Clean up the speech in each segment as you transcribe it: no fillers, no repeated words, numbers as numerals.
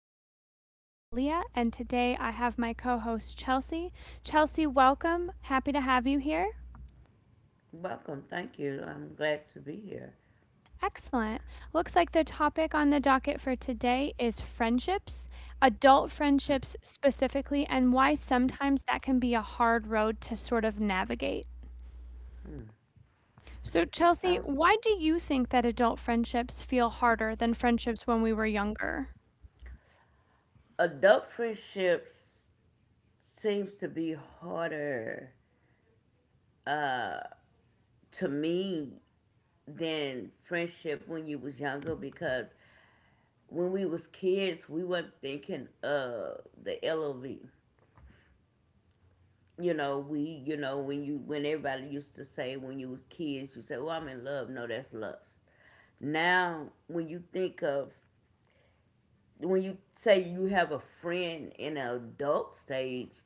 I am your host, Leah, and today I have my co host, Chelsea. Chelsea, welcome. Happy to have you here. Welcome. Thank you. I'm glad to be here. Excellent. Looks like the topic on the docket for today is friendships, adult friendships specifically, and why sometimes that can be a hard road to sort of navigate. So, Chelsea, Sounds why do you think that adult friendships feel harder than friendships when we were younger? adult friendships seems to be harder to me than friendship when you was younger because when we was kids we weren't thinking of the LOV. You know, we you know when you when everybody used to say when you was kids you say, "Well, I'm in love." No, that's lust. Now, when you say you have a friend in an adult stage,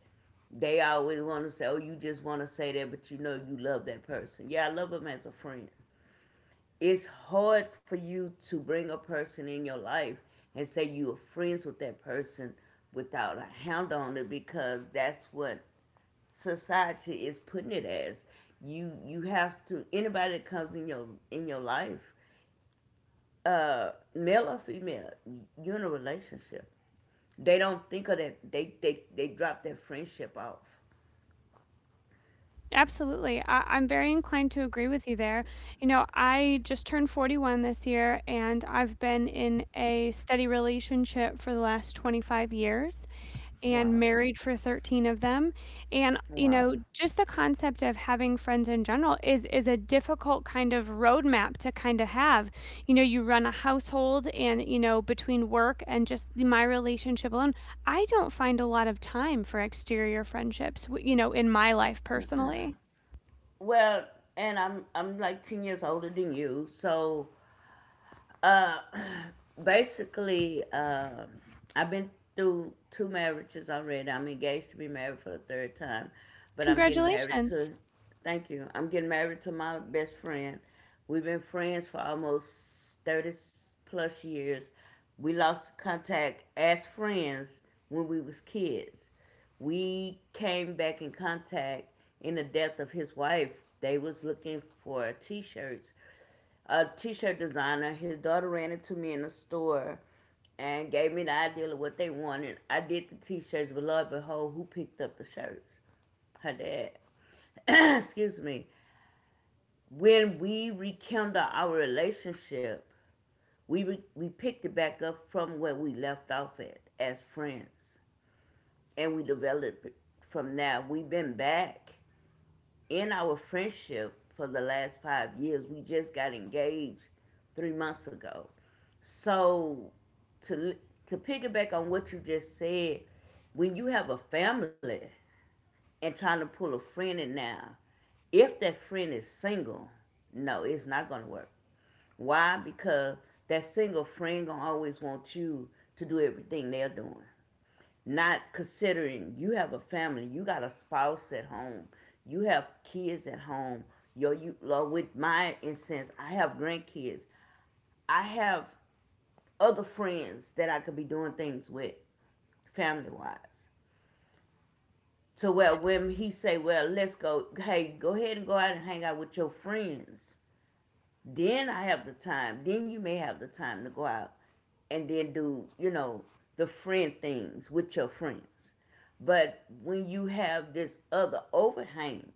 they always want to say, "Oh, you just want to say that," but you know you love that person. Yeah, I love them as a friend. It's hard for you to bring a person in your life and say you are friends with that person without a hound on it because that's what society is putting it as. You have to anybody that comes in your life, male or female, you're in a relationship. They don't think of that. They drop that friendship off. Absolutely. I'm very inclined to agree with you there. You know, I just turned 41 this year, and I've been in a steady relationship for the last 25 years and Wow, married for 13 of them. And, you wow. know, just the concept of having friends in general is a difficult kind of roadmap to kind of have. You know, you run a household and, you know, between work and just my relationship alone, I don't find a lot of time for exterior friendships, you know, in my life personally. Well, and I'm like 10 years older than you, so basically, I've been through two marriages already. I'm engaged to be married for the third time, but I'm getting married Congratulations. to, thank you, I'm getting married to my best friend. We've been friends for almost 30 plus years. We lost contact as friends when we was kids. We came back in contact in the death of his wife. They was looking for t-shirts a t-shirt designer. His daughter ran into me in the store and gave me the idea of what they wanted. I did the t-shirts, but lo and behold, who picked up the shirts? Her dad. Excuse me. When we rekindled our relationship, we picked it back up from where we left off at as friends, and we developed it from there. We've been back in our friendship for the last 5 years. We just got engaged three months ago. So to to piggyback on what you just said, when you have a family and trying to pull a friend in now, if that friend is single, no, it's not gonna work. Why? Because that single friend gonna always want you to do everything they're doing. Not considering you have a family, you got a spouse at home, you have kids at home. Yo, you Lord, with my instance, I have grandkids. I have other friends that I could be doing things with, family wise. To where when he say, "Well, let's go," hey, go ahead and go out and hang out with your friends. Then I have the time. Then you may have the time to go out and then do, you know, the friend things with your friends. But when you have this other overhang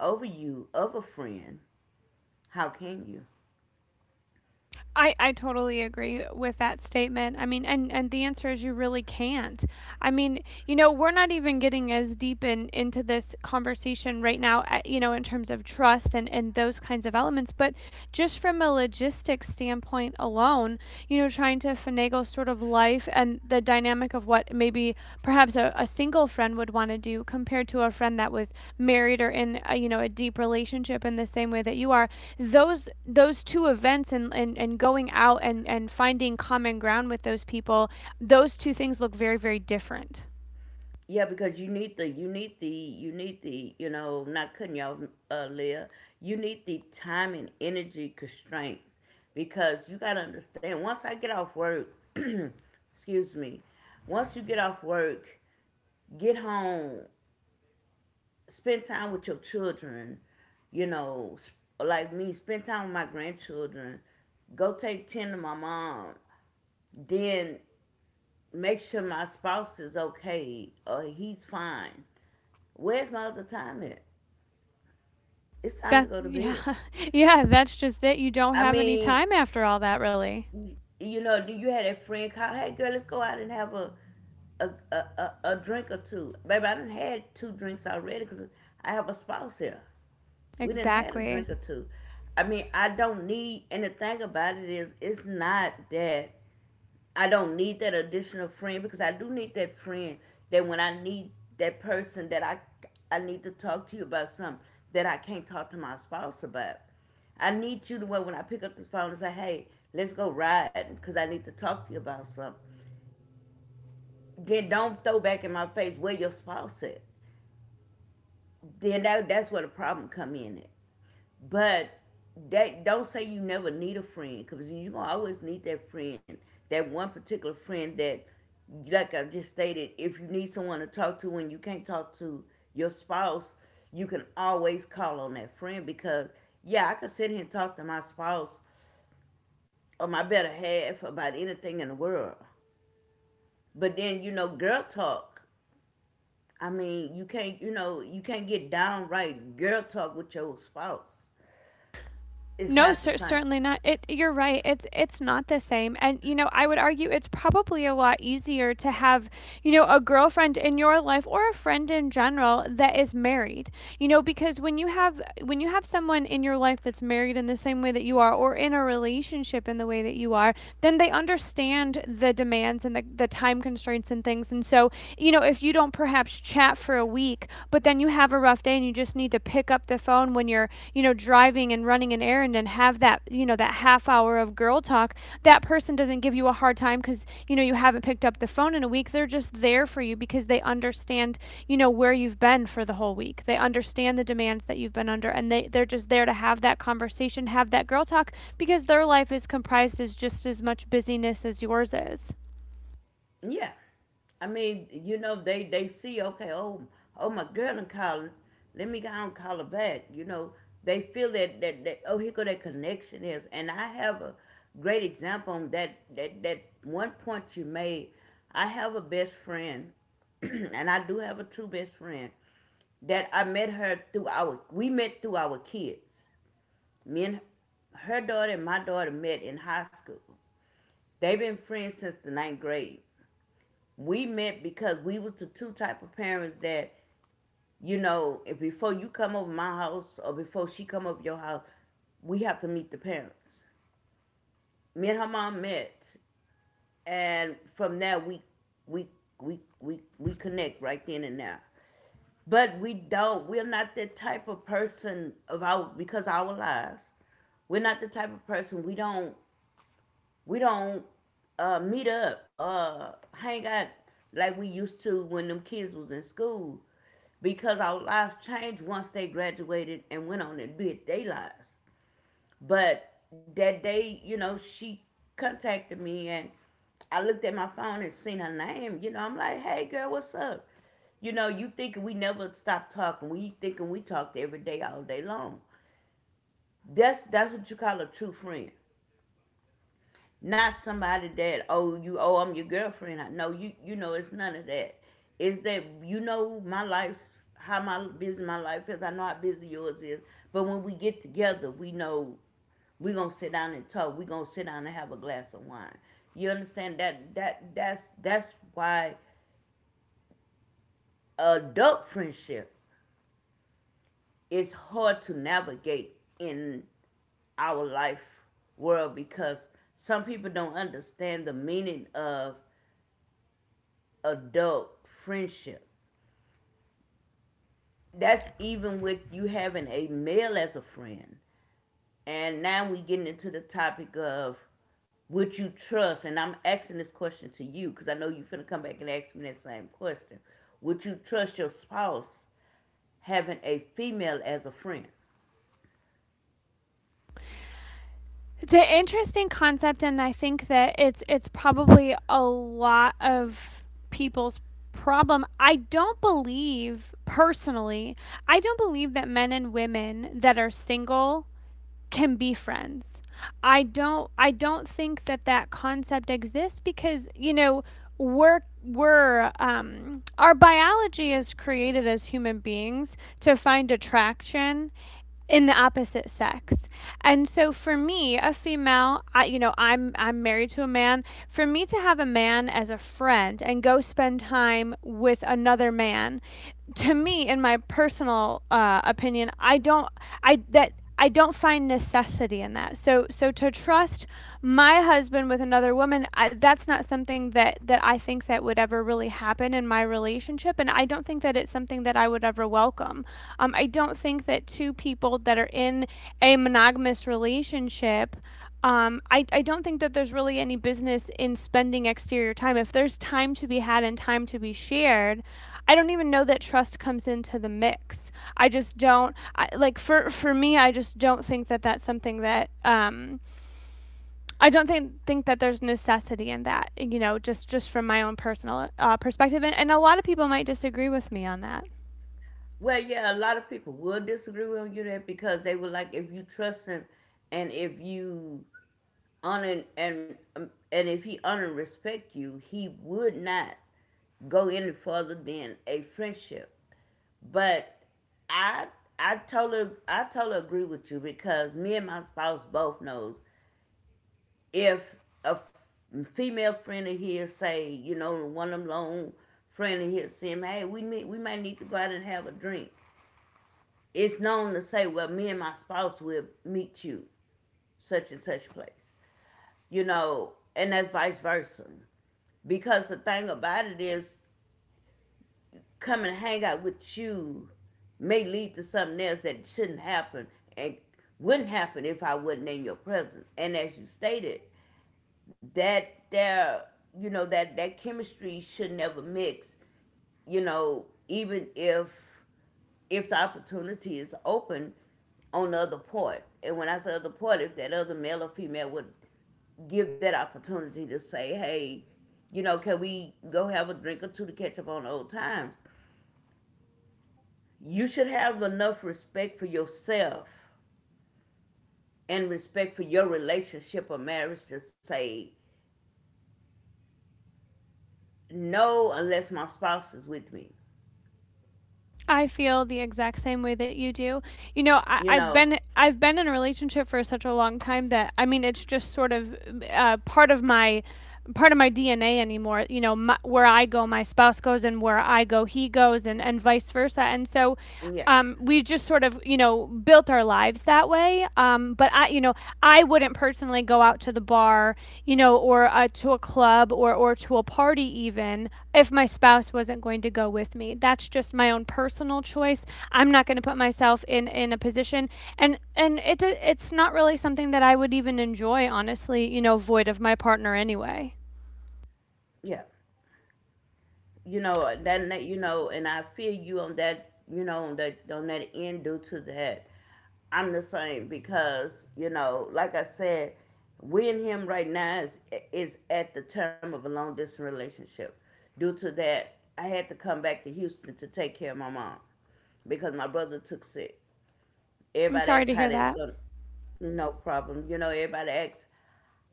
over you of a friend, how can you? I totally agree with that statement. I mean, and the answer is you really can't. I mean, you know, we're not even getting as deep into this conversation right now, you know, in terms of trust and those kinds of elements. But just from a logistics standpoint alone, you know, trying to finagle sort of life and the dynamic of what maybe perhaps a single friend would want to do compared to a friend that was married or in a, you know, a deep relationship in the same way that you are, those those two events and and going out and finding common ground with those people, those two things look very, very different. Yeah, because you need the you need the you need the you know not cutting y'all Leah. You need the time and energy constraints because you gotta understand. Once I get off work, excuse me. Once you get off work, get home, spend time with your children, you know, like me, spend time with my grandchildren, go take 10 to my mom, then make sure my spouse is okay or he's fine. Where's my other time at? It's time to That go to yeah bed. Yeah, that's just it. You don't I have any mean, time after all that, really. You know, do you had that friend call, hey girl, let's go out and have a drink or two. Baby, I done had two drinks already because I have a spouse here. We didn't had a Exactly. drink or two. I mean, I don't need, and the thing about it is, it's not that I don't need that additional friend because I do need that friend that when I need that person that I need to talk to you about something that I can't talk to my spouse about. I need you to where when I pick up the phone and say, hey, let's go ride because I need to talk to you about something. Then don't throw back in my face where your spouse at. Then that's where the problem come in at. But that don't say you never need a friend because you gonna always need that friend, that one particular friend that, like I just stated, if you need someone to talk to and you can't talk to your spouse, you can always call on that friend because yeah, I could sit here and talk to my spouse or my better half about anything in the world, but then you know, girl talk. I mean, you can't get downright girl talk with your spouse. It's No, not the same. certainly not. It You're right. It's not the same. And you know, I would argue it's probably a lot easier to have, you know, a girlfriend in your life or a friend in general that is married. You know, because when you have someone in your life that's married in the same way that you are or in a relationship in the way that you are, then they understand the demands and the time constraints and things. And so, you know, if you don't perhaps chat for week, but then you have a rough day and you just need to pick up the phone when you're, you know, driving and running an errand and have that, you know, that half hour of girl talk, that person doesn't give you a hard time cuz you know you haven't picked up the phone in a week. They're just there for you because they understand, you know, where you've been for the whole week. They understand the demands that you've been under and they're just there to have that conversation, have that girl talk because their life is comprised as just as much busyness as yours is. Yeah. I mean, you know, they see okay, oh my girl and call let me go and call her back. You know, they feel that that oh here go that connection is and I have a great example on that one point you made. I have a best friend and I do have a true best friend that I met her through our we met through our kids. Me and her daughter and my daughter met in high school. They've been friends since the ninth grade we met because we was the two type of parents that you know if before you come over my house or before she come over your house we have to meet the parents me and her mom met and from there we we connect right then and there but we're not the type of person of our because of our lives we're not the type of person we don't We don't meet up, hang out like we used to when them kids was in school, because our lives changed once they graduated and went on and did their lives. But that day, you know, she contacted me and I looked at my phone and seen her name. You know, I'm like, hey girl, what's up? You know, you thinking we never stopped talking. We thinking we talked every day, all day long. That's what you call a true friend. Not somebody that oh you oh I'm your girlfriend. No, you know it's none of that. It's that you know my life's how my busy my life is. I know how busy yours is. But when we get together, we know we're gonna sit down and talk. We're gonna sit down and have a glass of wine. You understand that that's why adult friendship is hard to navigate in our life world because some people don't understand the meaning of adult friendship. That's even with you having a male as a friend. And now we getting into the topic of would you trust? And I'm asking this question to you because I know you're finna come back and ask me that same question. Would you trust your spouse having a female as a friend? It's an interesting concept, and I think that it's probably a lot of people's problem. I don't believe personally. I don't believe that men and women that are single can be friends. I don't think that that concept exists because you know we're our biology is created as human beings to find attraction in the opposite sex. And so for me, a female, I, you know, I'm married to a man. For me to have a man as a friend and go spend time with another man, to me, in my personal opinion, I don't I that I don't find necessity in that. So, so to trust my husband with another woman, I, that's not something that that I think that would ever really happen in my relationship, and I don't think that it's something that I would ever welcome. I don't think that two people that are in a monogamous relationship I don't think that there's really any business in spending exterior time. If there's time to be had and time to be shared, I don't even know that trust comes into the mix. I just don't I, Like, for me. I just don't think that that's something that I don't think that there's necessity in that. You know, just from my own personal perspective, and a lot of people might disagree with me on that. Well, yeah, a lot of people will disagree with you that because they were like, if you trust him and if you honor and if he honor and respect you, he would not go any further than a friendship. But I I totally agree with you because me and my spouse both knows if a female friend of his say you know one of them long friend of his say hey we might need to go out and have a drink. It's known to say well me and my spouse will meet you such and such place. You know, and that's vice versa. Because the thing about it is, come and hang out with you may lead to something else that shouldn't happen and wouldn't happen if I wasn't in your presence. And as you stated, that there, you know, that that chemistry should never mix. You know, even if the opportunity is open on the other part. And when I say other part, if that other male or female would give that opportunity to say, hey, you know, can we go have a drink or two to catch up on old times? You should have enough respect for yourself and respect for your relationship or marriage to say no unless my spouse is with me. I feel the exact same way that you do. You know, You know, I've been in a relationship for such a long time that I mean, it's just sort of uh, part of my part of my DNA anymore. You know, my, where I go, my spouse goes, and where I go, he goes, and vice versa. And so, yeah, we just sort of, you know, built our lives that way. But I, you know, I wouldn't personally go out to the bar, you know, or to a club or to a party even if my spouse wasn't going to go with me. That's just my own personal choice. I'm not going to put myself in a position and it, it's not really something that I would even enjoy, honestly, you know, void of my partner anyway. yeah. And I feel you on that, on that, on that end, due to that. I'm the same because, you know, like I said, we and him right now is at the term of a long distance relationship due to that. I had to come back to Houston to take care of my mom because my brother took sick. I'm Everybody sorry asks to how hear that's that. gonna. No problem. You know, everybody asks,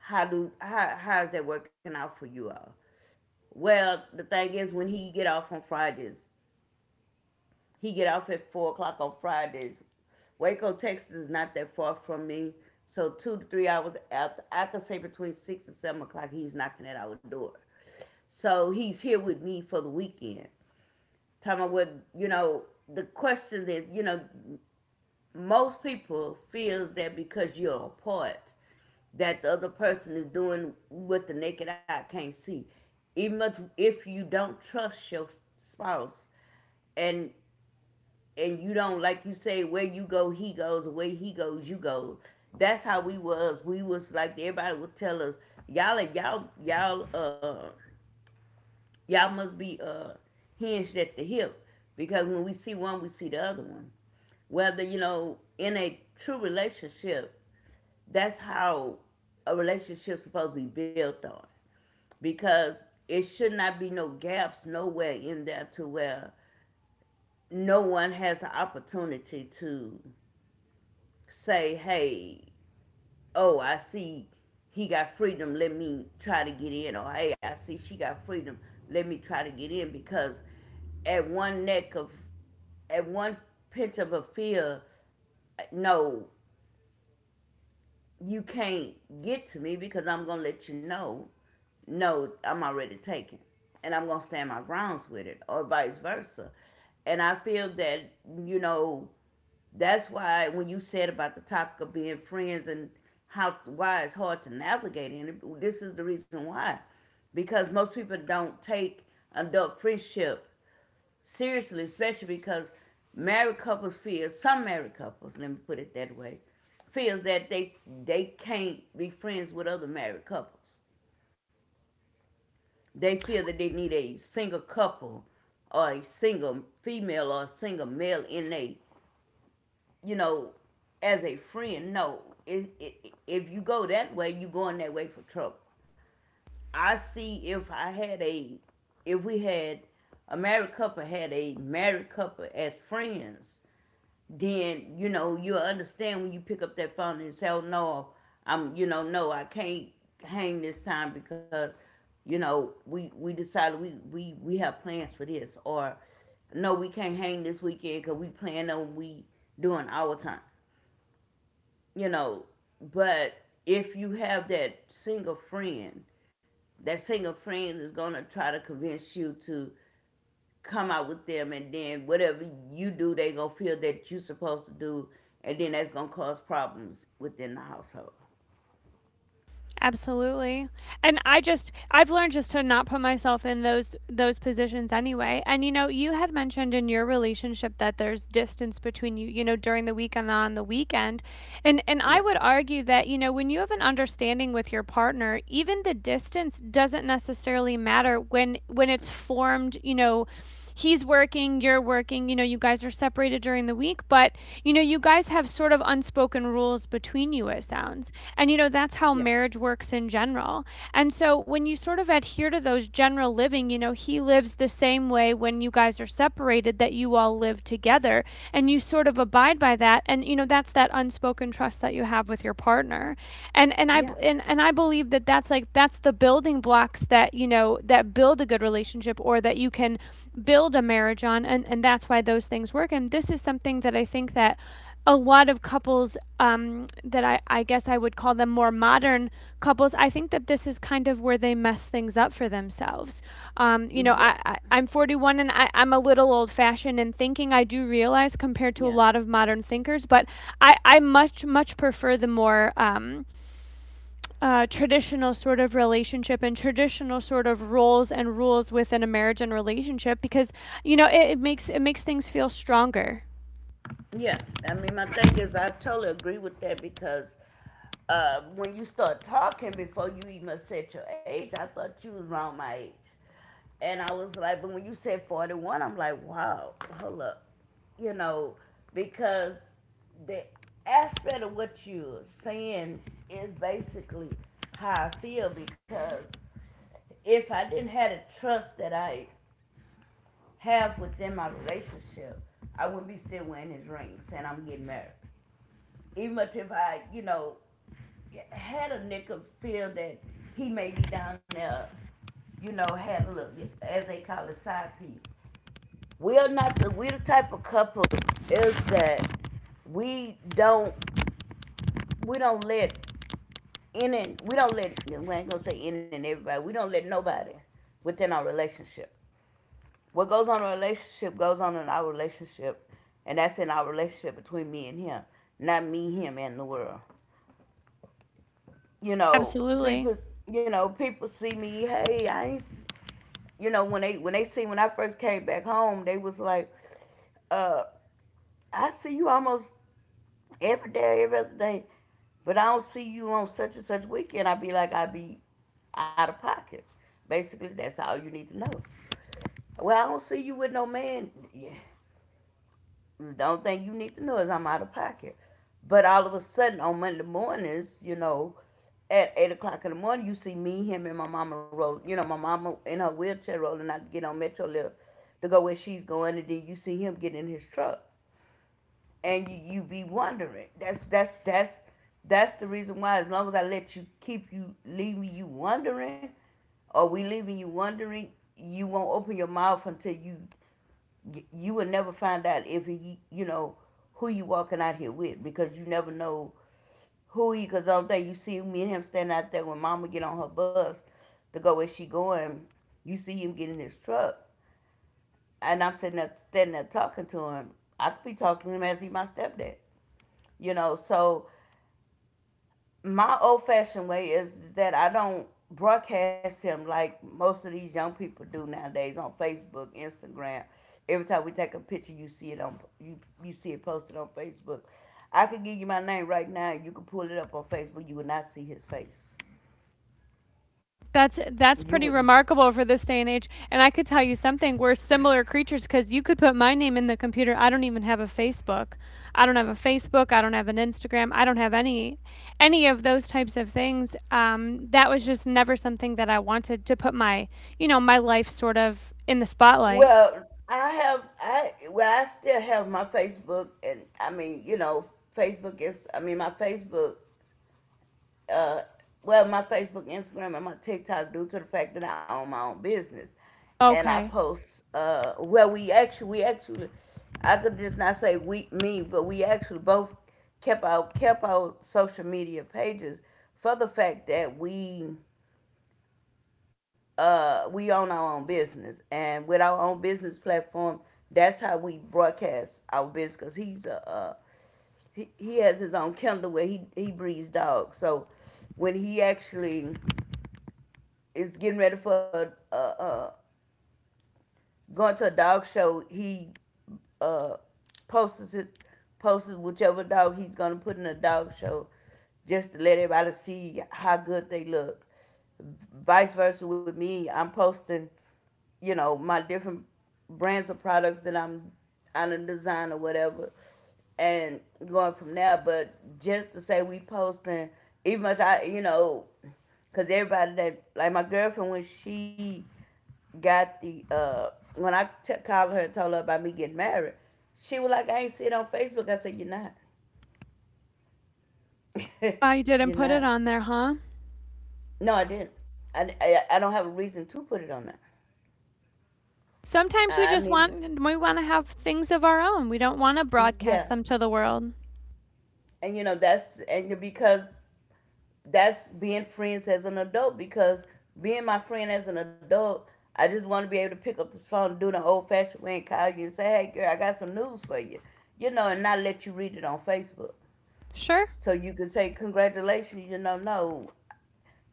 how do how is that working out for you all? Well, the thing is, when he get off on Fridays, he get off at 4 o'clock on Fridays. Waco, Texas, is not that far from me, so 2 to 3 hours after, I could say between 6 and 7 o'clock, he's knocking at our door. So he's here with me for the weekend. Talking about what you know. The question is, you know, most people feels that because you're apart, that the other person is doing what the naked eye can't see, even if you don't trust your spouse, and and you don't, like you say, where you go he goes, where he goes you go. That's how we was, we was like, everybody would tell us, y'all are y'all y'all Y'all must be hinged at the hip because when we see one, we see the other one. Whether, you know, in a true relationship, that's how a relationship's supposed to be built on. Because it should not be no gaps nowhere in there to where no one has the opportunity to say, hey, oh, I see he got freedom, let me try to get in. Or hey, I see she got freedom, let me try to get in. Because at one neck of, at one pinch of a fear, no, you can't get to me, because I'm gonna let you know, no, I'm already taken, and I'm gonna stand my grounds with it, or vice versa. And I feel that, you know, that's why when you said about the topic of being friends and how, why it's hard to navigate, and this is the reason why. Because most people don't take adult friendship seriously, especially because married couples feel, some married couples, let me put it that way, feels that they can't be friends with other married couples. They feel that they need a single couple or a single female or a single male in a, you know, as a friend. No, if you go that way, you going that way for trouble. I see, if we had a married couple, had a married couple as friends, then you know you'll understand when you pick up that phone and say, oh, "No, I'm, you know, no, I can't hang this time because, you know, we decided we have plans for this," or, "No, we can't hang this weekend because we plan on we doing our time." You know. But if you have that single friend is gonna try to convince you to come out with them, and then whatever you do they gonna feel that you're supposed to do, and then that's gonna cause problems within the household. Absolutely. And I've learned just to not put myself in those positions anyway. And you know, you had mentioned in your relationship that there's distance between you, you know, during the week and on the weekend. And I Yeah, would argue that, you know, when you have an understanding with your partner, even the distance doesn't necessarily matter when it's formed, you know, he's working, you're working, you know, you guys are separated during the week, but you know, you guys have sort of unspoken rules between you, it sounds. And you know, that's how yeah, marriage works in general. And so when you sort of adhere to those general living, you know, he lives the same way when you guys are separated that you all live together and you sort of abide by that. And you know, that's that unspoken trust that you have with your partner. Yeah, And I believe that that's like that's the building blocks that you know that build a good relationship or that you can build a marriage on. And that's why those things work, and this is something that I think that a lot of couples that I guess I would call them more modern couples, I think that this is kind of where they mess things up for themselves. You know, yeah, I'm 41 and I'm a little old fashioned in thinking, I do realize compared to a yeah, lot of modern thinkers, but I much, much prefer the more. Traditional sort of relationship and traditional sort of roles and rules within a marriage and relationship because you know it makes things feel stronger. yeah. I mean, my thing is I totally agree with that because, when you start talking before you even said your age, I thought you was around my age. And I was like, but when you said 41, I'm like, wow, hold up. You know, because the aspect of what you're saying is basically how I feel, because if I didn't have the trust that I have within my relationship, I wouldn't be still wearing his ring saying I'm getting married. Even much if I, you know, had a nigga feel that he may be down there, you know, had a little, as they call it, side piece. We are not the, we the type of couple is that we don't, we don't let in, and we don't let, we ain't gonna say in and everybody, we don't let nobody within our relationship. What goes on in a relationship goes on in our relationship, and that's in our relationship between me and him, not me, him, and the world. You know, Absolutely. people, you know, people see me, hey, I ain't, you know, when they see, when I first came back home, they was like, uh, I see you almost every day, every other day. But I don't see you on such and such weekend. I be like, I be out of pocket. Basically, that's all you need to know. Well, I don't see you with no man. Yeah. The only thing you need to know is I'm out of pocket. But all of a sudden on Monday mornings, you know, at 8 o'clock in the morning, you see me, him, and my mama roll. You know, my mama in her wheelchair rolling out to get on Metro Lift to go where she's going, and then you see him get in his truck and you be wondering. That's that's the reason why. As long as I let you keep you leaving you wondering, or we leaving you wondering, you won't open your mouth until you will never find out if he, you know, who you walking out here with, because you never know who he. Because all day you see me and him standing out there when Mama get on her bus to go where she going. You see him getting his truck, and I'm sitting up standing there talking to him. I could be talking to him as he my stepdad, you know. So my old fashioned way is that I don't broadcast him like most of these young people do nowadays on Facebook, Instagram. Every time we take a picture, you see it on you see it posted on Facebook. I could give you my name right now. You could pull it up on Facebook. You would not see his face. That's You pretty wouldn't. remarkable for this day and age, and I could tell you something, we're similar creatures because you could put my name in the computer. I don't even have a Facebook. I don't have a Facebook. I don't have an Instagram. I don't have Any of those types of things, that was just never something that I wanted to put my, you know, my life sort of in the spotlight. Well, I well, I still have my Facebook, and I mean, you know, Facebook is, I mean, my Facebook, uh, well, my Facebook, Instagram, and my TikTok due to the fact that I own my own business, and I Okay. post. Well, we actually, I could just not say we, me, but we actually both kept our, kept our social media pages for the fact that we, we own our own business, and with our own business platform, that's how we broadcast our business. Cause he's a, he has his own Kindle where he breeds dogs. So when he actually is getting ready for, going to a dog show, he, uh, posts it, posts whichever dog he's gonna put in a dog show, just to let everybody see how good they look. Vice versa with me, I'm posting, you know, my different brands of products that I'm on a design or whatever, and going from there. But just to say we posting, even much I, you know, cause everybody that, like my girlfriend when she got the, when called her and told her about me getting married, she was like, "I ain't see it on Facebook." I said, "You're not. Well, you didn't You're put it not." on there, huh? No, I didn't. I don't have a reason to put it on there. Sometimes we I just mean, want we want to have things of our own. We don't want to yeah. broadcast them to the world. And you know because that's being friends as an adult. Because being my friend as an adult, I just want to be able to pick up this phone and do the old fashioned way, and call you and say, "Hey, girl, I got some news for you," you know, and not let you read it on Facebook. Sure? So you can say, congratulations. You know, no,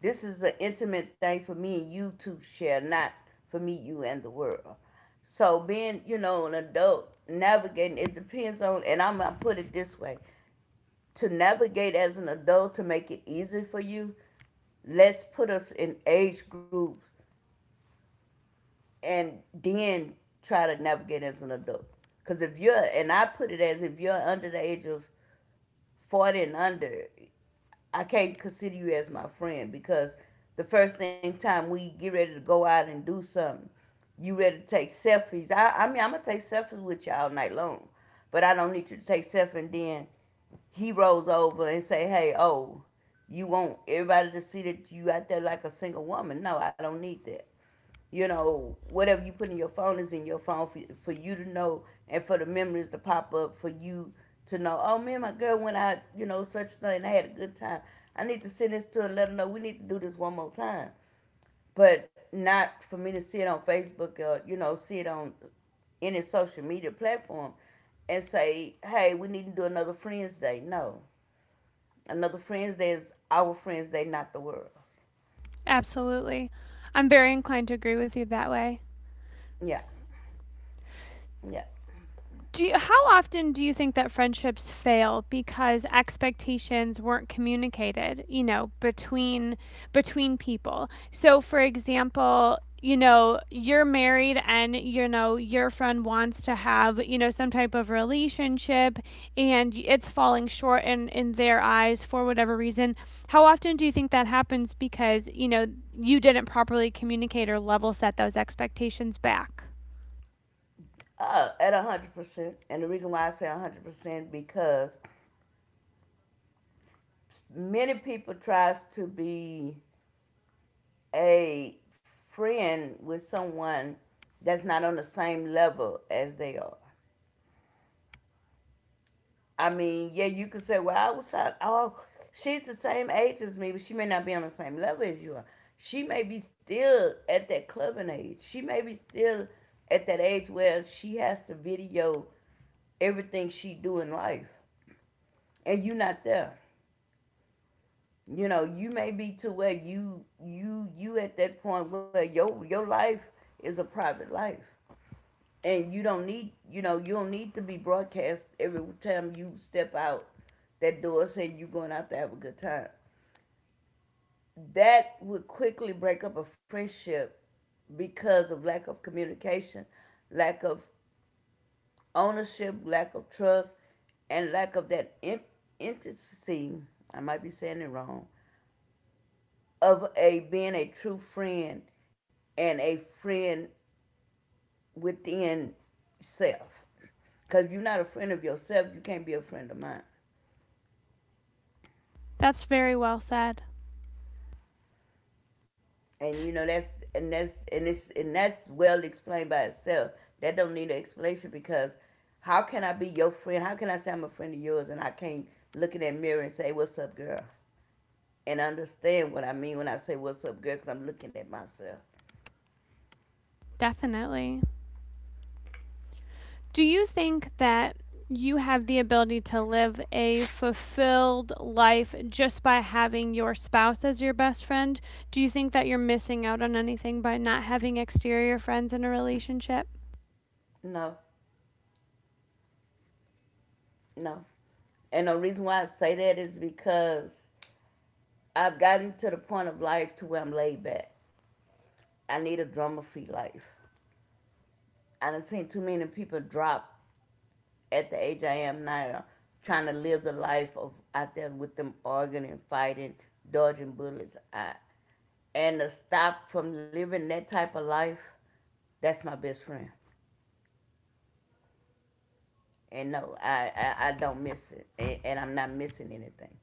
this is an intimate thing for me and you to share, not for me, you, and the world. So being, you know, an adult, navigating, it depends on, and I'm going to put it this way, to navigate as an adult to make it easy for you, let's put us in age groups and then try to navigate as an adult. Because if you're, and I put it as if you're under the age of 40 and under, I can't consider you as my friend because the first thing time we get ready to go out and do something, you ready to take selfies. I mean, I'm gonna take selfies with you all night long, but I don't need you to take selfies. And then he rolls over and say, "Hey, oh, you want everybody to see that you out there like a single woman?" No, I don't need that. You know, whatever you put in your phone is in your phone for you to know, and for the memories to pop up for you to know, oh, me and my girl went out, you know, such thing. I had a good time. I need to send this to her and let her know we need to do this one more time. But not for me to see it on Facebook or, you know, see it on any social media platform and say, hey, we need to do another Friends Day. No. Another Friends Day is our Friends Day, not the world. Absolutely. I'm very inclined to agree with you that way. Yeah. Yeah. How often do you think that friendships fail because expectations weren't communicated, you know, between people? So for example, you know, you're married and you know your friend wants to have, you know, some type of relationship and it's falling short in their eyes for whatever reason. How often do you think that happens because, you know, you didn't properly communicate or level set those expectations back? At 100%. And the reason why I say 100% because many people tries to be a friend with someone that's not on the same level as they are. I mean, yeah, you could say, well, I was trying. Oh, she's the same age as me, but she may not be on the same level as you are. She may be still at that clubbing age. She may be still at that age where she has to video everything she do in life, and you are not there. You know, you may be to where you at that point where your life is a private life, and you don't need, you know, you don't need to be broadcast every time you step out that door saying you're going out to have a good time. That would quickly break up a friendship because of lack of communication, lack of ownership, lack of trust, and lack of that intimacy. I might be saying it wrong. Of a being a true friend, and a friend within self. Cause if you're not a friend of yourself, you can't be a friend of mine. That's very well said. And you know that's — and that's well explained by itself. That don't need an explanation because how can I be your friend? How can I say I'm a friend of yours and I can't look in that mirror and say, "What's up, girl?" And understand what I mean when I say, "What's up, girl?" Because I'm looking at myself. Definitely. Do you think that you have the ability to live a fulfilled life just by having your spouse as your best friend? Do you think that you're missing out on anything by not having exterior friends in a relationship? No, no. And the reason why I say that is because I've gotten to the point of life to where I'm laid back. I need a drama free life. I done seen too many people drop at the age I am now, trying to live the life of out there with them arguing and fighting, dodging bullets. And to stop from living that type of life, that's my best friend. And no, I don't miss it. And I'm not missing anything.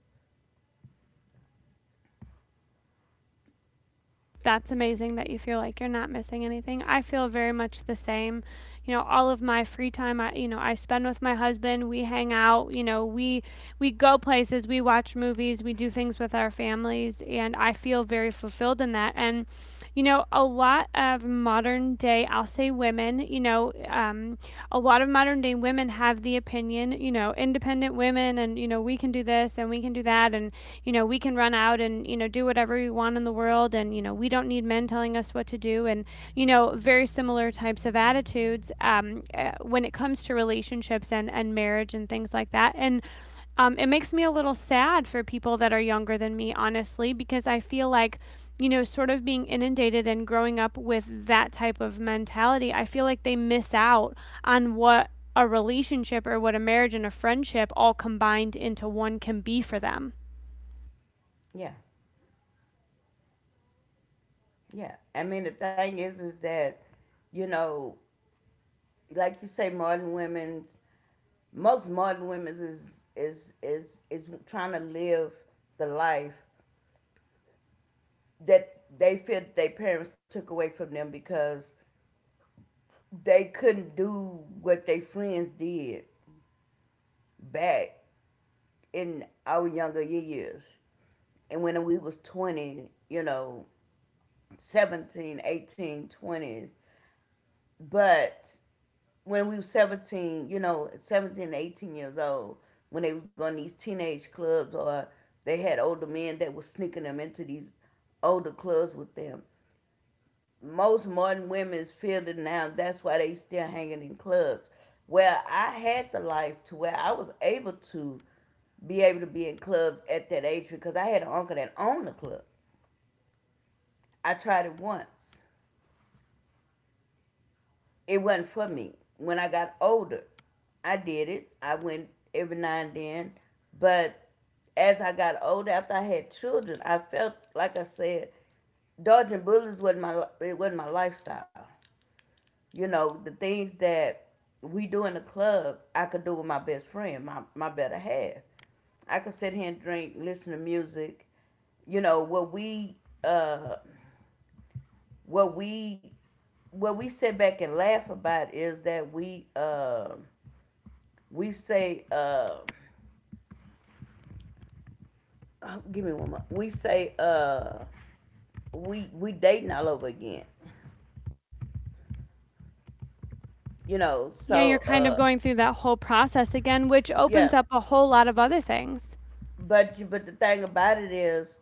That's amazing that you feel like you're not missing anything. I feel very much the same. You know, all of my free time I you know, I spend with my husband, we hang out, you know, we go places, we watch movies, we do things with our families, and I feel very fulfilled in that. And a lot of modern day, I'll say women, a lot of modern day women have the opinion, you know, independent women, and we can do this and we can do that, and we can run out and, do whatever we want in the world, and, we don't need men telling us what to do, and, very similar types of attitudes when it comes to relationships and marriage and things like that. And it makes me a little sad for people that are younger than me, honestly, because I feel like, sort of being inundated and growing up with that type of mentality, I feel like they miss out on what a relationship or what a marriage and a friendship all combined into one can be for them. Yeah. Yeah. I mean, the thing is that, you know, like you say, modern women's most modern women's is trying to live the life that they feel that their parents took away from them because they couldn't do what their friends did back in our younger years. And when we was 20, you know, 17, 18, twenties, but when we were 17, you know, 17, 18 years old, when they was going to these teenage clubs, or they had older men that was sneaking them into these older clubs with them. Most modern women feel that now that's why they still hanging in clubs. Well, I had the life to where I was able to be in clubs at that age because I had an uncle that owned the club. I tried it once. It wasn't for me. When I got older, I did it. I went every now and then. But as I got older, after I had children, I felt like I said, dodging bullets wasn't my it wasn't my lifestyle. You know, the things that we do in the club, I could do with my best friend, my better half. I could sit here and drink, listen to music. You know, uh, what we what we sit back and laugh about is that we say, oh, give me one more. We dating all over again. You know, Yeah, you're kind of going through that whole process again, which opens yeah. up a whole lot of other things. But but the thing about it is,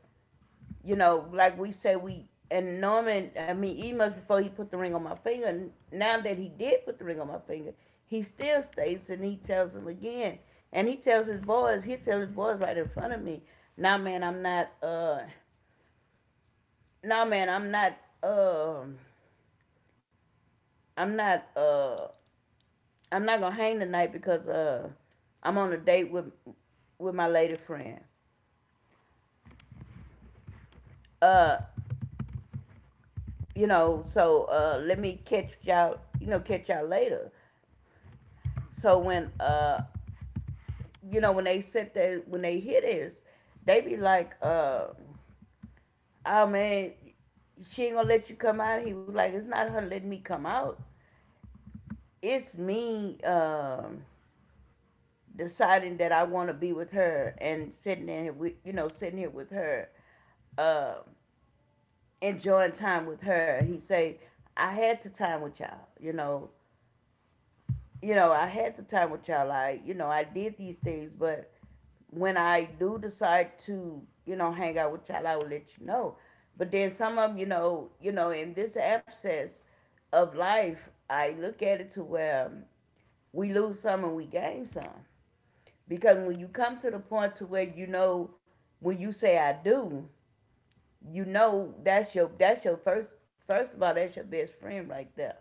you know, like we say, we — and Norman. I mean, even before he put the ring on my finger, and now that he did put the ring on my finger, he still states and he tells him again, and he tells his boys. He tell his boys right in front of me. Nah, man, I'm not. uh Nah, man, I'm not. Um, I'm not. uh I'm not gonna hang tonight because I'm on a date with my lady friend. Uh, you know, so let me catch y'all. You know, catch y'all later. So when you know, when they sit there, when they hear this, they be like, oh man, she ain't gonna let you come out. He was like, it's not her letting me come out. It's me, deciding that I want to be with her and sitting in here with, you know, sitting here with her, uh, enjoying time with her. He say, I had the time with y'all. You know, I had the time with y'all. I, you know, I did these things, but when I do decide to, you know, hang out with y'all, I will let you know. But then some of 'em, you know, in this absence of life, I look at it to where we lose some and we gain some. Because when you come to the point to where, you know, when you say I do, you know, that's your — that's your, first of all, that's your best friend right there.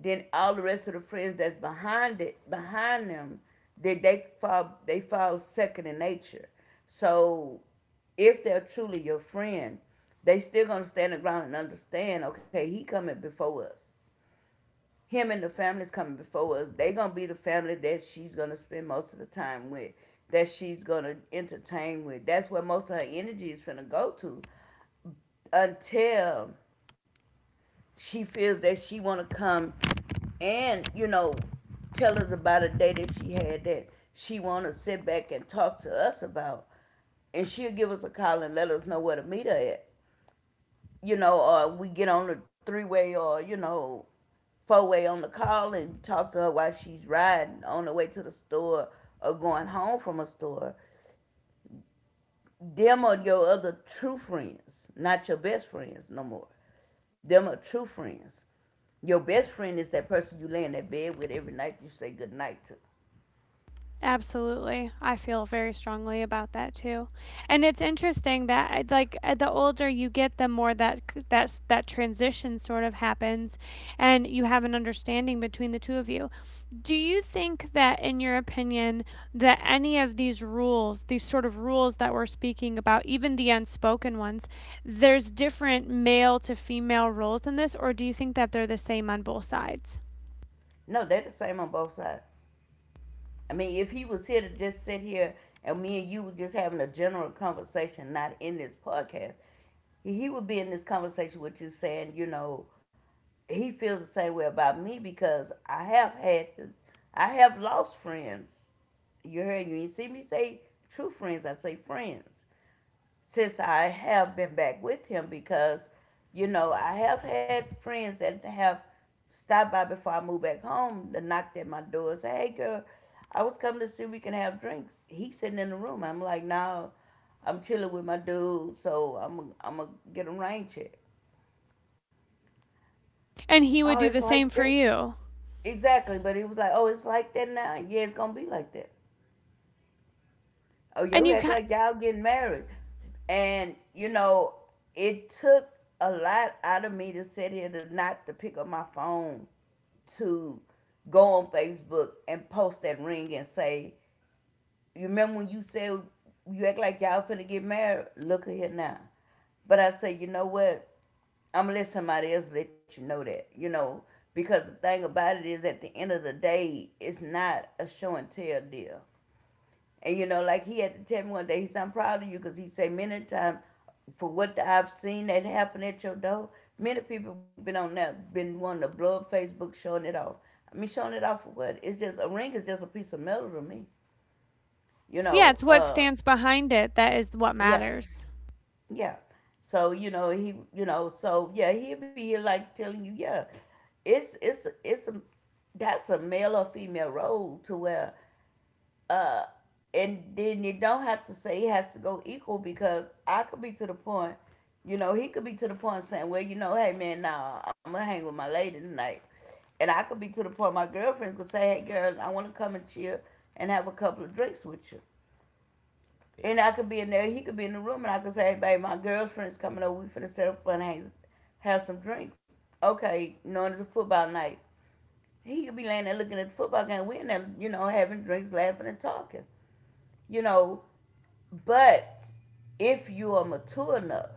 Then all the rest of the friends that's behind it, behind them, they fall second in nature. So if they're truly your friend, they still gonna stand the ground and understand. Okay, he coming before us. Him and the family's coming before us. They gonna be the family that she's gonna spend most of the time with, that she's gonna entertain with. That's where most of her energy is gonna go to, until she feels that she want to come and, you know, tell us about a day that she had, that she want to sit back and talk to us about, and she'll give us a call and let us know where to meet her at, you know, or we get on the three-way, or you know, four-way on the call and talk to her while she's riding on the way to the store or going home from a store. Them are your other true friends, not your best friends no more. Them are true friends. Your best friend is that person you lay in that bed with every night you say good night to. Absolutely. I feel very strongly about that too. And it's interesting that the older you get, the more that that's that transition sort of happens, and you have an understanding between the two of you. Do you think that, in your opinion, that any of these rules, these sort of rules that we're speaking about, even the unspoken ones, there's different male to female roles in this, or do you think that they're the same on both sides? No, they're the same on both sides. I mean, if he was here to just sit here and me and you were just having a general conversation, not in this podcast, he would be in this conversation with you saying, you know, he feels the same way about me. Because I have had to, I have lost friends. You heard, you ain't see me say true friends, I say friends. Since I have been back with him, because, you know, I have had friends that have stopped by before I moved back home, that knocked at my door and said, "Hey girl, I was coming to see if we can have drinks." He's sitting in the room. I'm like, no, I'm chilling with my dude, so I'm I am I gonna get a rain check. And he Oh, would it's do the like same for that. you. Exactly, but he was like, "Oh, it's like that now. Yeah, it's gonna be like that. Oh, And you you act ki- like y'all getting married." And you know, it took a lot out of me to sit here to not to pick up my phone, to go on Facebook and post that ring and say, "You remember when you said you act like y'all finna get married? Look at here now." But I say, you know what? I'm gonna let somebody else let you know that, you know, because the thing about it is, at the end of the day, it's not a show and tell deal. And you know, like he had to tell me one day, he said, "I'm proud of you," because he said many times, for what I've seen that happen at your door, many people been on that, been wanting to blow up Facebook, showing it off. I mean, showing it off for what? It's just a ring, is just a piece of metal to me, you Yeah, know. it's what stands behind it that is what Yeah. matters. Yeah. So you know, he, you know, so yeah, he'll be here like telling you, yeah, it's a that's a male or female role to where, uh, and then you don't have to say it has to go equal. Because I could be to the point, you know, he could be to the point saying, well, you know, hey man, nah, I'm gonna hang with my lady tonight, and I could be to the point my girlfriends could say, hey girl, I want to come and chill and have a couple of drinks with you, and I could be in there, he could be in the room, and I could say, hey babe, my girlfriend's coming over. We finna set up fun, hang, have some drinks. Okay, knowing it's a football night. He could be laying there looking at the football game. We in there, you know, having drinks, laughing, and talking. You know, but if you are mature enough,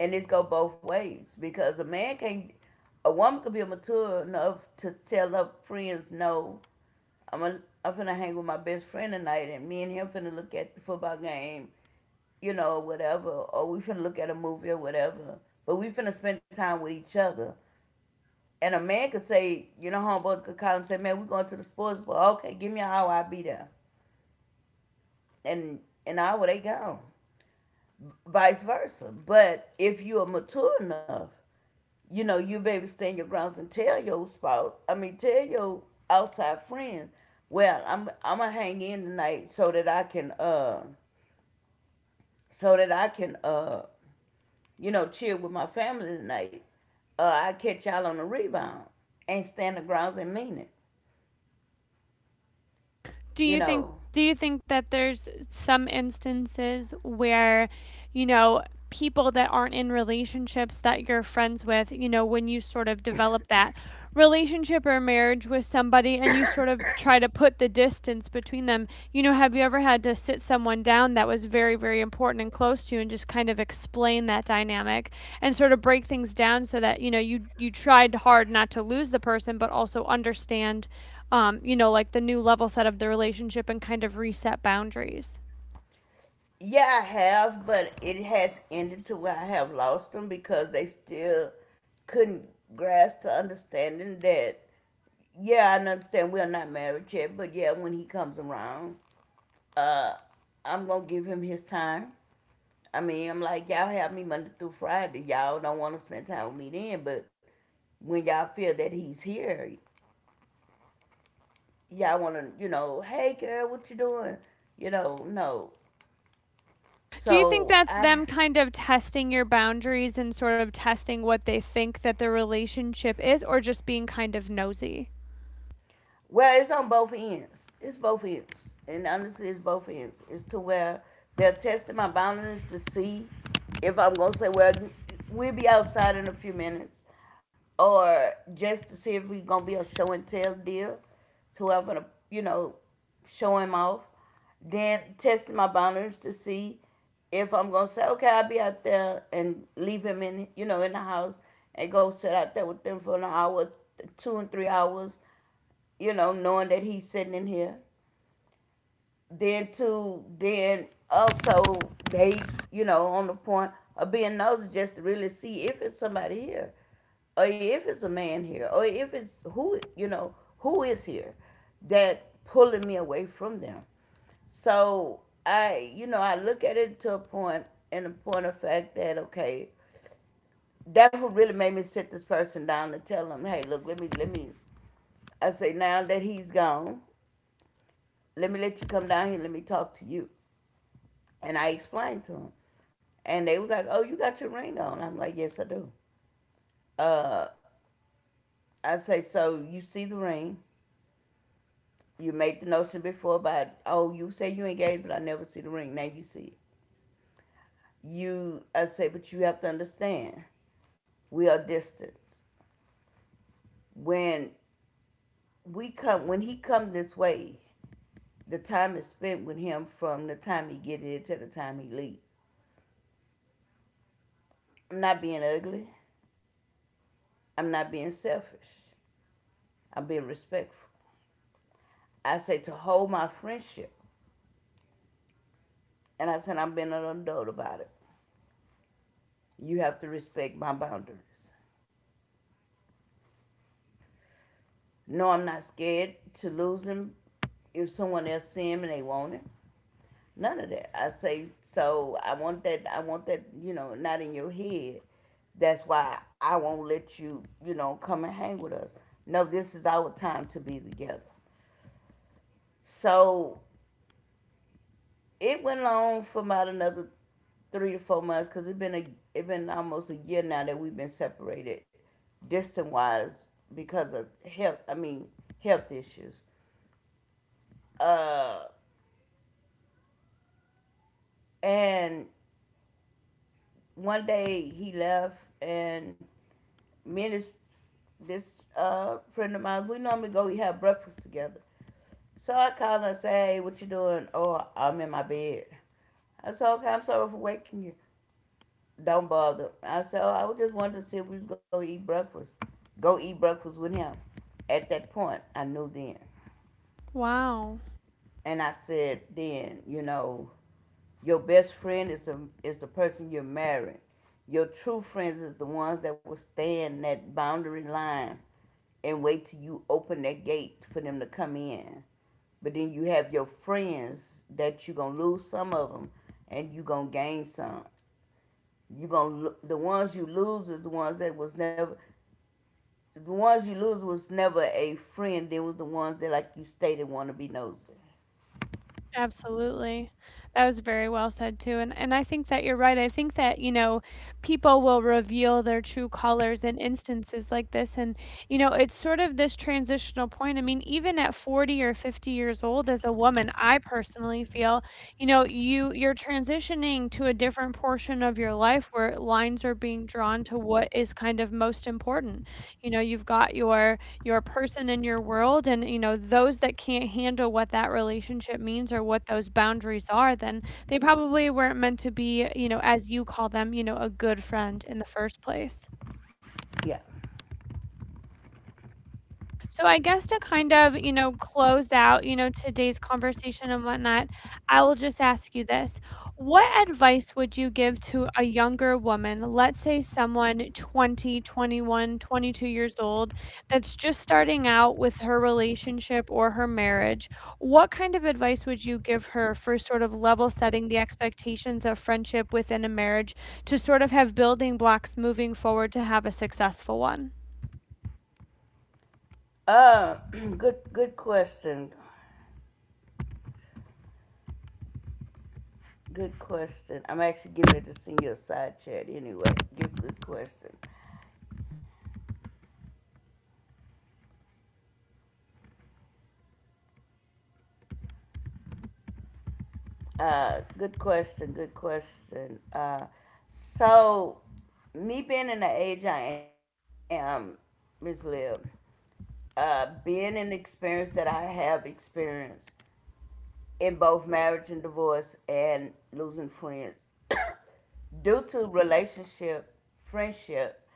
and this go both ways, because a man can't, a woman could be mature enough to tell her friends, no, I'm finna hang with my best friend tonight, and me and him finna look at the football game, you know, whatever, or we finna look at a movie or whatever. But we finna spend time with each other. And a man could say, you know, homeboys could call him and say, man, we going to the sports bar. Okay, give me an hour, I'll be there. And an hour, they gone. Vice versa. But if you are mature enough, you know, you be able to stand your grounds and tell your spouse, I mean, tell your outside friends, well, I'm gonna hang in tonight so that I can so that I can uh you know, chill with my family tonight. I catch y'all on the rebound and stand the grounds and mean it. You know, Do you think that there's some instances where you know people that aren't in relationships that you're friends with, you know, when you sort of develop that relationship or marriage with somebody and you sort of try to put the distance between them, you know, have you ever had to sit someone down that was very very important and close to you and just kind of explain that dynamic and sort of break things down so that, you know, you tried hard not to lose the person but also understand, you know, like the new level set of the relationship, and kind of reset boundaries. yeah, I have, but it has ended to where I have lost them because they still couldn't grasp the understanding that, yeah, I understand we're not married yet, but yeah, when he comes around, uh, I'm gonna give him his time. I mean, I'm like, y'all have me Monday through Friday. Y'all don't want to spend time with me then, but when y'all feel that he's here, y'all want to, you know, hey girl, what you doing? You know, no. Do you think So that's I. them kind of testing your boundaries and sort of testing what they think that the relationship is, or just being kind of nosy? Well, it's on both ends. It's both ends. And honestly, it's both ends. It's to where they're testing my boundaries to see if I'm going to say, well, we'll be outside in a few minutes. Or just to see if we're going to be a show and tell deal to where I'm going to, you know, show him off. Then testing my boundaries to see if I'm going to say, okay, I'll be out there and leave him in, you know, in the house and go sit out there with them for an hour, 2 and 3 hours, you know, knowing that he's sitting in here. Then to then also they, you know, on the point of being nosy just to really see if it's somebody here, or if it's a man here, or if it's who you know who is here, that pulling me away from them. So I, you know, I look at it to a point and a point of fact that okay, that's what really made me sit this person down and tell him, hey, look, let me. I say now that he's gone, let me let you come down here. Let me talk to you. And I explained to them. And they was like, oh, you got your ring on. I'm like, yes, I do. I say, so you see the ring. You made the notion before about, oh, you say you engaged, but I never see the ring. Now you see it. You, I say, but you have to understand, we are distance. When when he come this way, the time is spent with him from the time he get here to the time he leave. I'm not being ugly. I'm not being selfish. I'm being respectful. I say to hold my friendship. And I said, I've been an adult about it. You have to respect my boundaries. No, I'm not scared to lose him if someone else see him and they want it. None of that. I say, so I want that, you know, not in your head. That's why I won't let you, you know, come and hang with us. No, this is our time to be together. So it went on for about another 3 to 4 months because it been almost a year now that we've been separated, distant wise, because of health. I mean, health issues. Uh, and one day he left, and me and this friend of mine, we normally go eat have breakfast together. So I called her and said, "Hey, what you doing?" Oh, I'm in my bed. I said, "Okay, I'm sorry for waking you." Don't bother. I said, oh, I just wanted to see if we was gonna eat breakfast. Go eat breakfast with him. At that point, I knew then, Wow. and I said, then you know, your best friend is the person you're marrying. Your true friends is the ones that will stand that boundary line and wait till you open that gate for them to come in. But then you have your friends that you're gonna lose some of them, and you're gonna gain some. You gonna the ones you lose is the ones that was never the ones you lose was never a friend. They was the ones that, like you stated, want to be nosy. Absolutely. That was very well said too. And I think that you're right. I think that, you know, people will reveal their true colors in instances like this. And you know, it's sort of this transitional point. I mean, even at 40 or 50 years old as a woman, I personally feel, you know, you're transitioning to a different portion of your life where lines are being drawn to what is kind of most important. You know, you've got your person in your world, and you know, those that can't handle what that relationship means or what those boundaries are, then they probably weren't meant to be, you know, as you call them, you know, a good friend in the first place. Yeah. So I guess to kind of, you know, close out, you know, today's conversation and whatnot, I will just ask you this. What advice would you give to a younger woman? Let's say someone 20, 21, 22 years old, that's just starting out with her relationship or her marriage. What kind of advice would you give her for sort of level setting the expectations of friendship within a marriage to sort of have building blocks moving forward to have a successful one? Uh, good question. Good question. I'm actually getting ready to send you a side chat anyway. Good question. Uh, good question. Good question. Uh, so me being in the age I am, Miss Lib, being in the experience that I have experienced in both marriage and divorce and losing friends, due to relationship, friendship,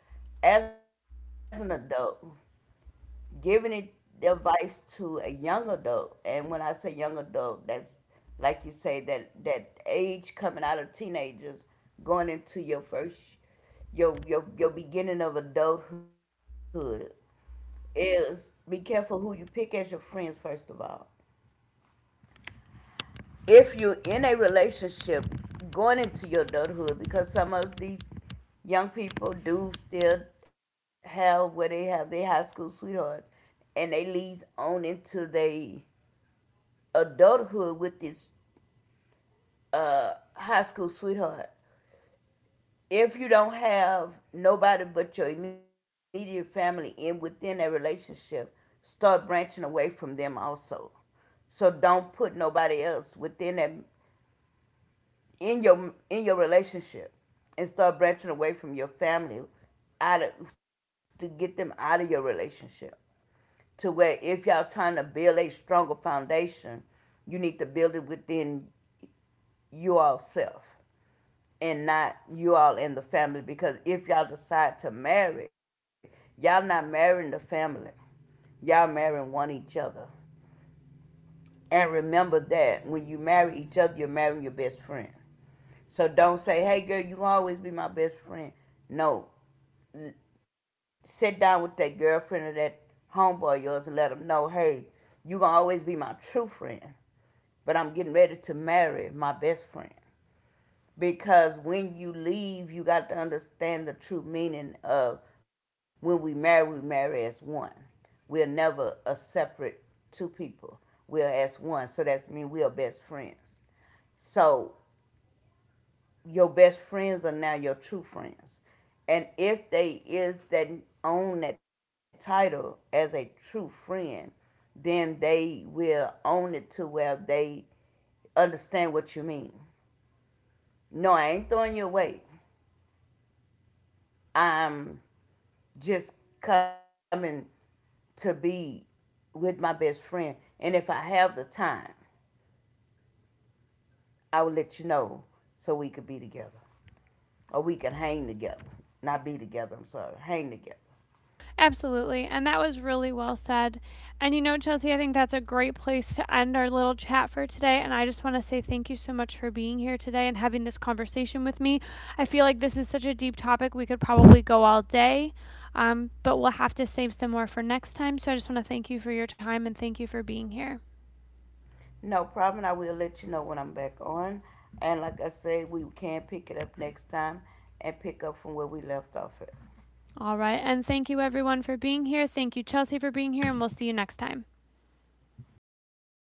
as an adult, giving it the advice to a young adult, and when I say young adult, that's like you say that that age coming out of teenagers, going into your first your beginning of adulthood is be careful who you pick as your friends first of all. If you're in a relationship going into your adulthood, because some of these young people do still have where they have their high school sweethearts and they leads on into their adulthood with this high school sweetheart. If you don't have nobody but your immediate family in within that relationship, start branching away from them also. So don't put nobody else within that in your relationship and start branching away from your family out of, to get them out of your relationship to where if y'all trying to build a stronger foundation you need to build it within you all self and not you all in the family because if y'all decide to marry y'all not marrying the family y'all marrying one each other and remember that when you marry each other you're marrying your best friend. So don't say, "Hey, girl, you going always be my best friend." No, sit down with that girlfriend or that homeboy of yours and let them know, "Hey, you gonna always be my true friend, but I'm getting ready to marry my best friend." Because when you leave, you got to understand the true meaning of when we marry as one. We're never a separate two people. We're as one. So that's mean we are best friends. So your best friends are now your true friends. And if they is that own that title as a true friend, then they will own it to where they understand what you mean. No, I ain't throwing you away. I'm just coming to be with my best friend. And if I have the time, I will let you know so we could be together. Or we can hang together. Not be together, I'm sorry. Hang together. Absolutely. And that was really well said. And you know, Chelsea, I think that's a great place to end our little chat for today. And I just want to say thank you so much for being here today and having this conversation with me. I feel like this is such a deep topic. We could probably go all day, but we'll have to save some more for next time. So I just want to thank you for your time and thank you for being here. No problem. I will let you know when I'm back on. And like I said, we can pick it up next time and pick up from where we left off at. All right. And thank you, everyone, for being here. Thank you, Chelsea, for being here. And we'll see you next time. Thank you.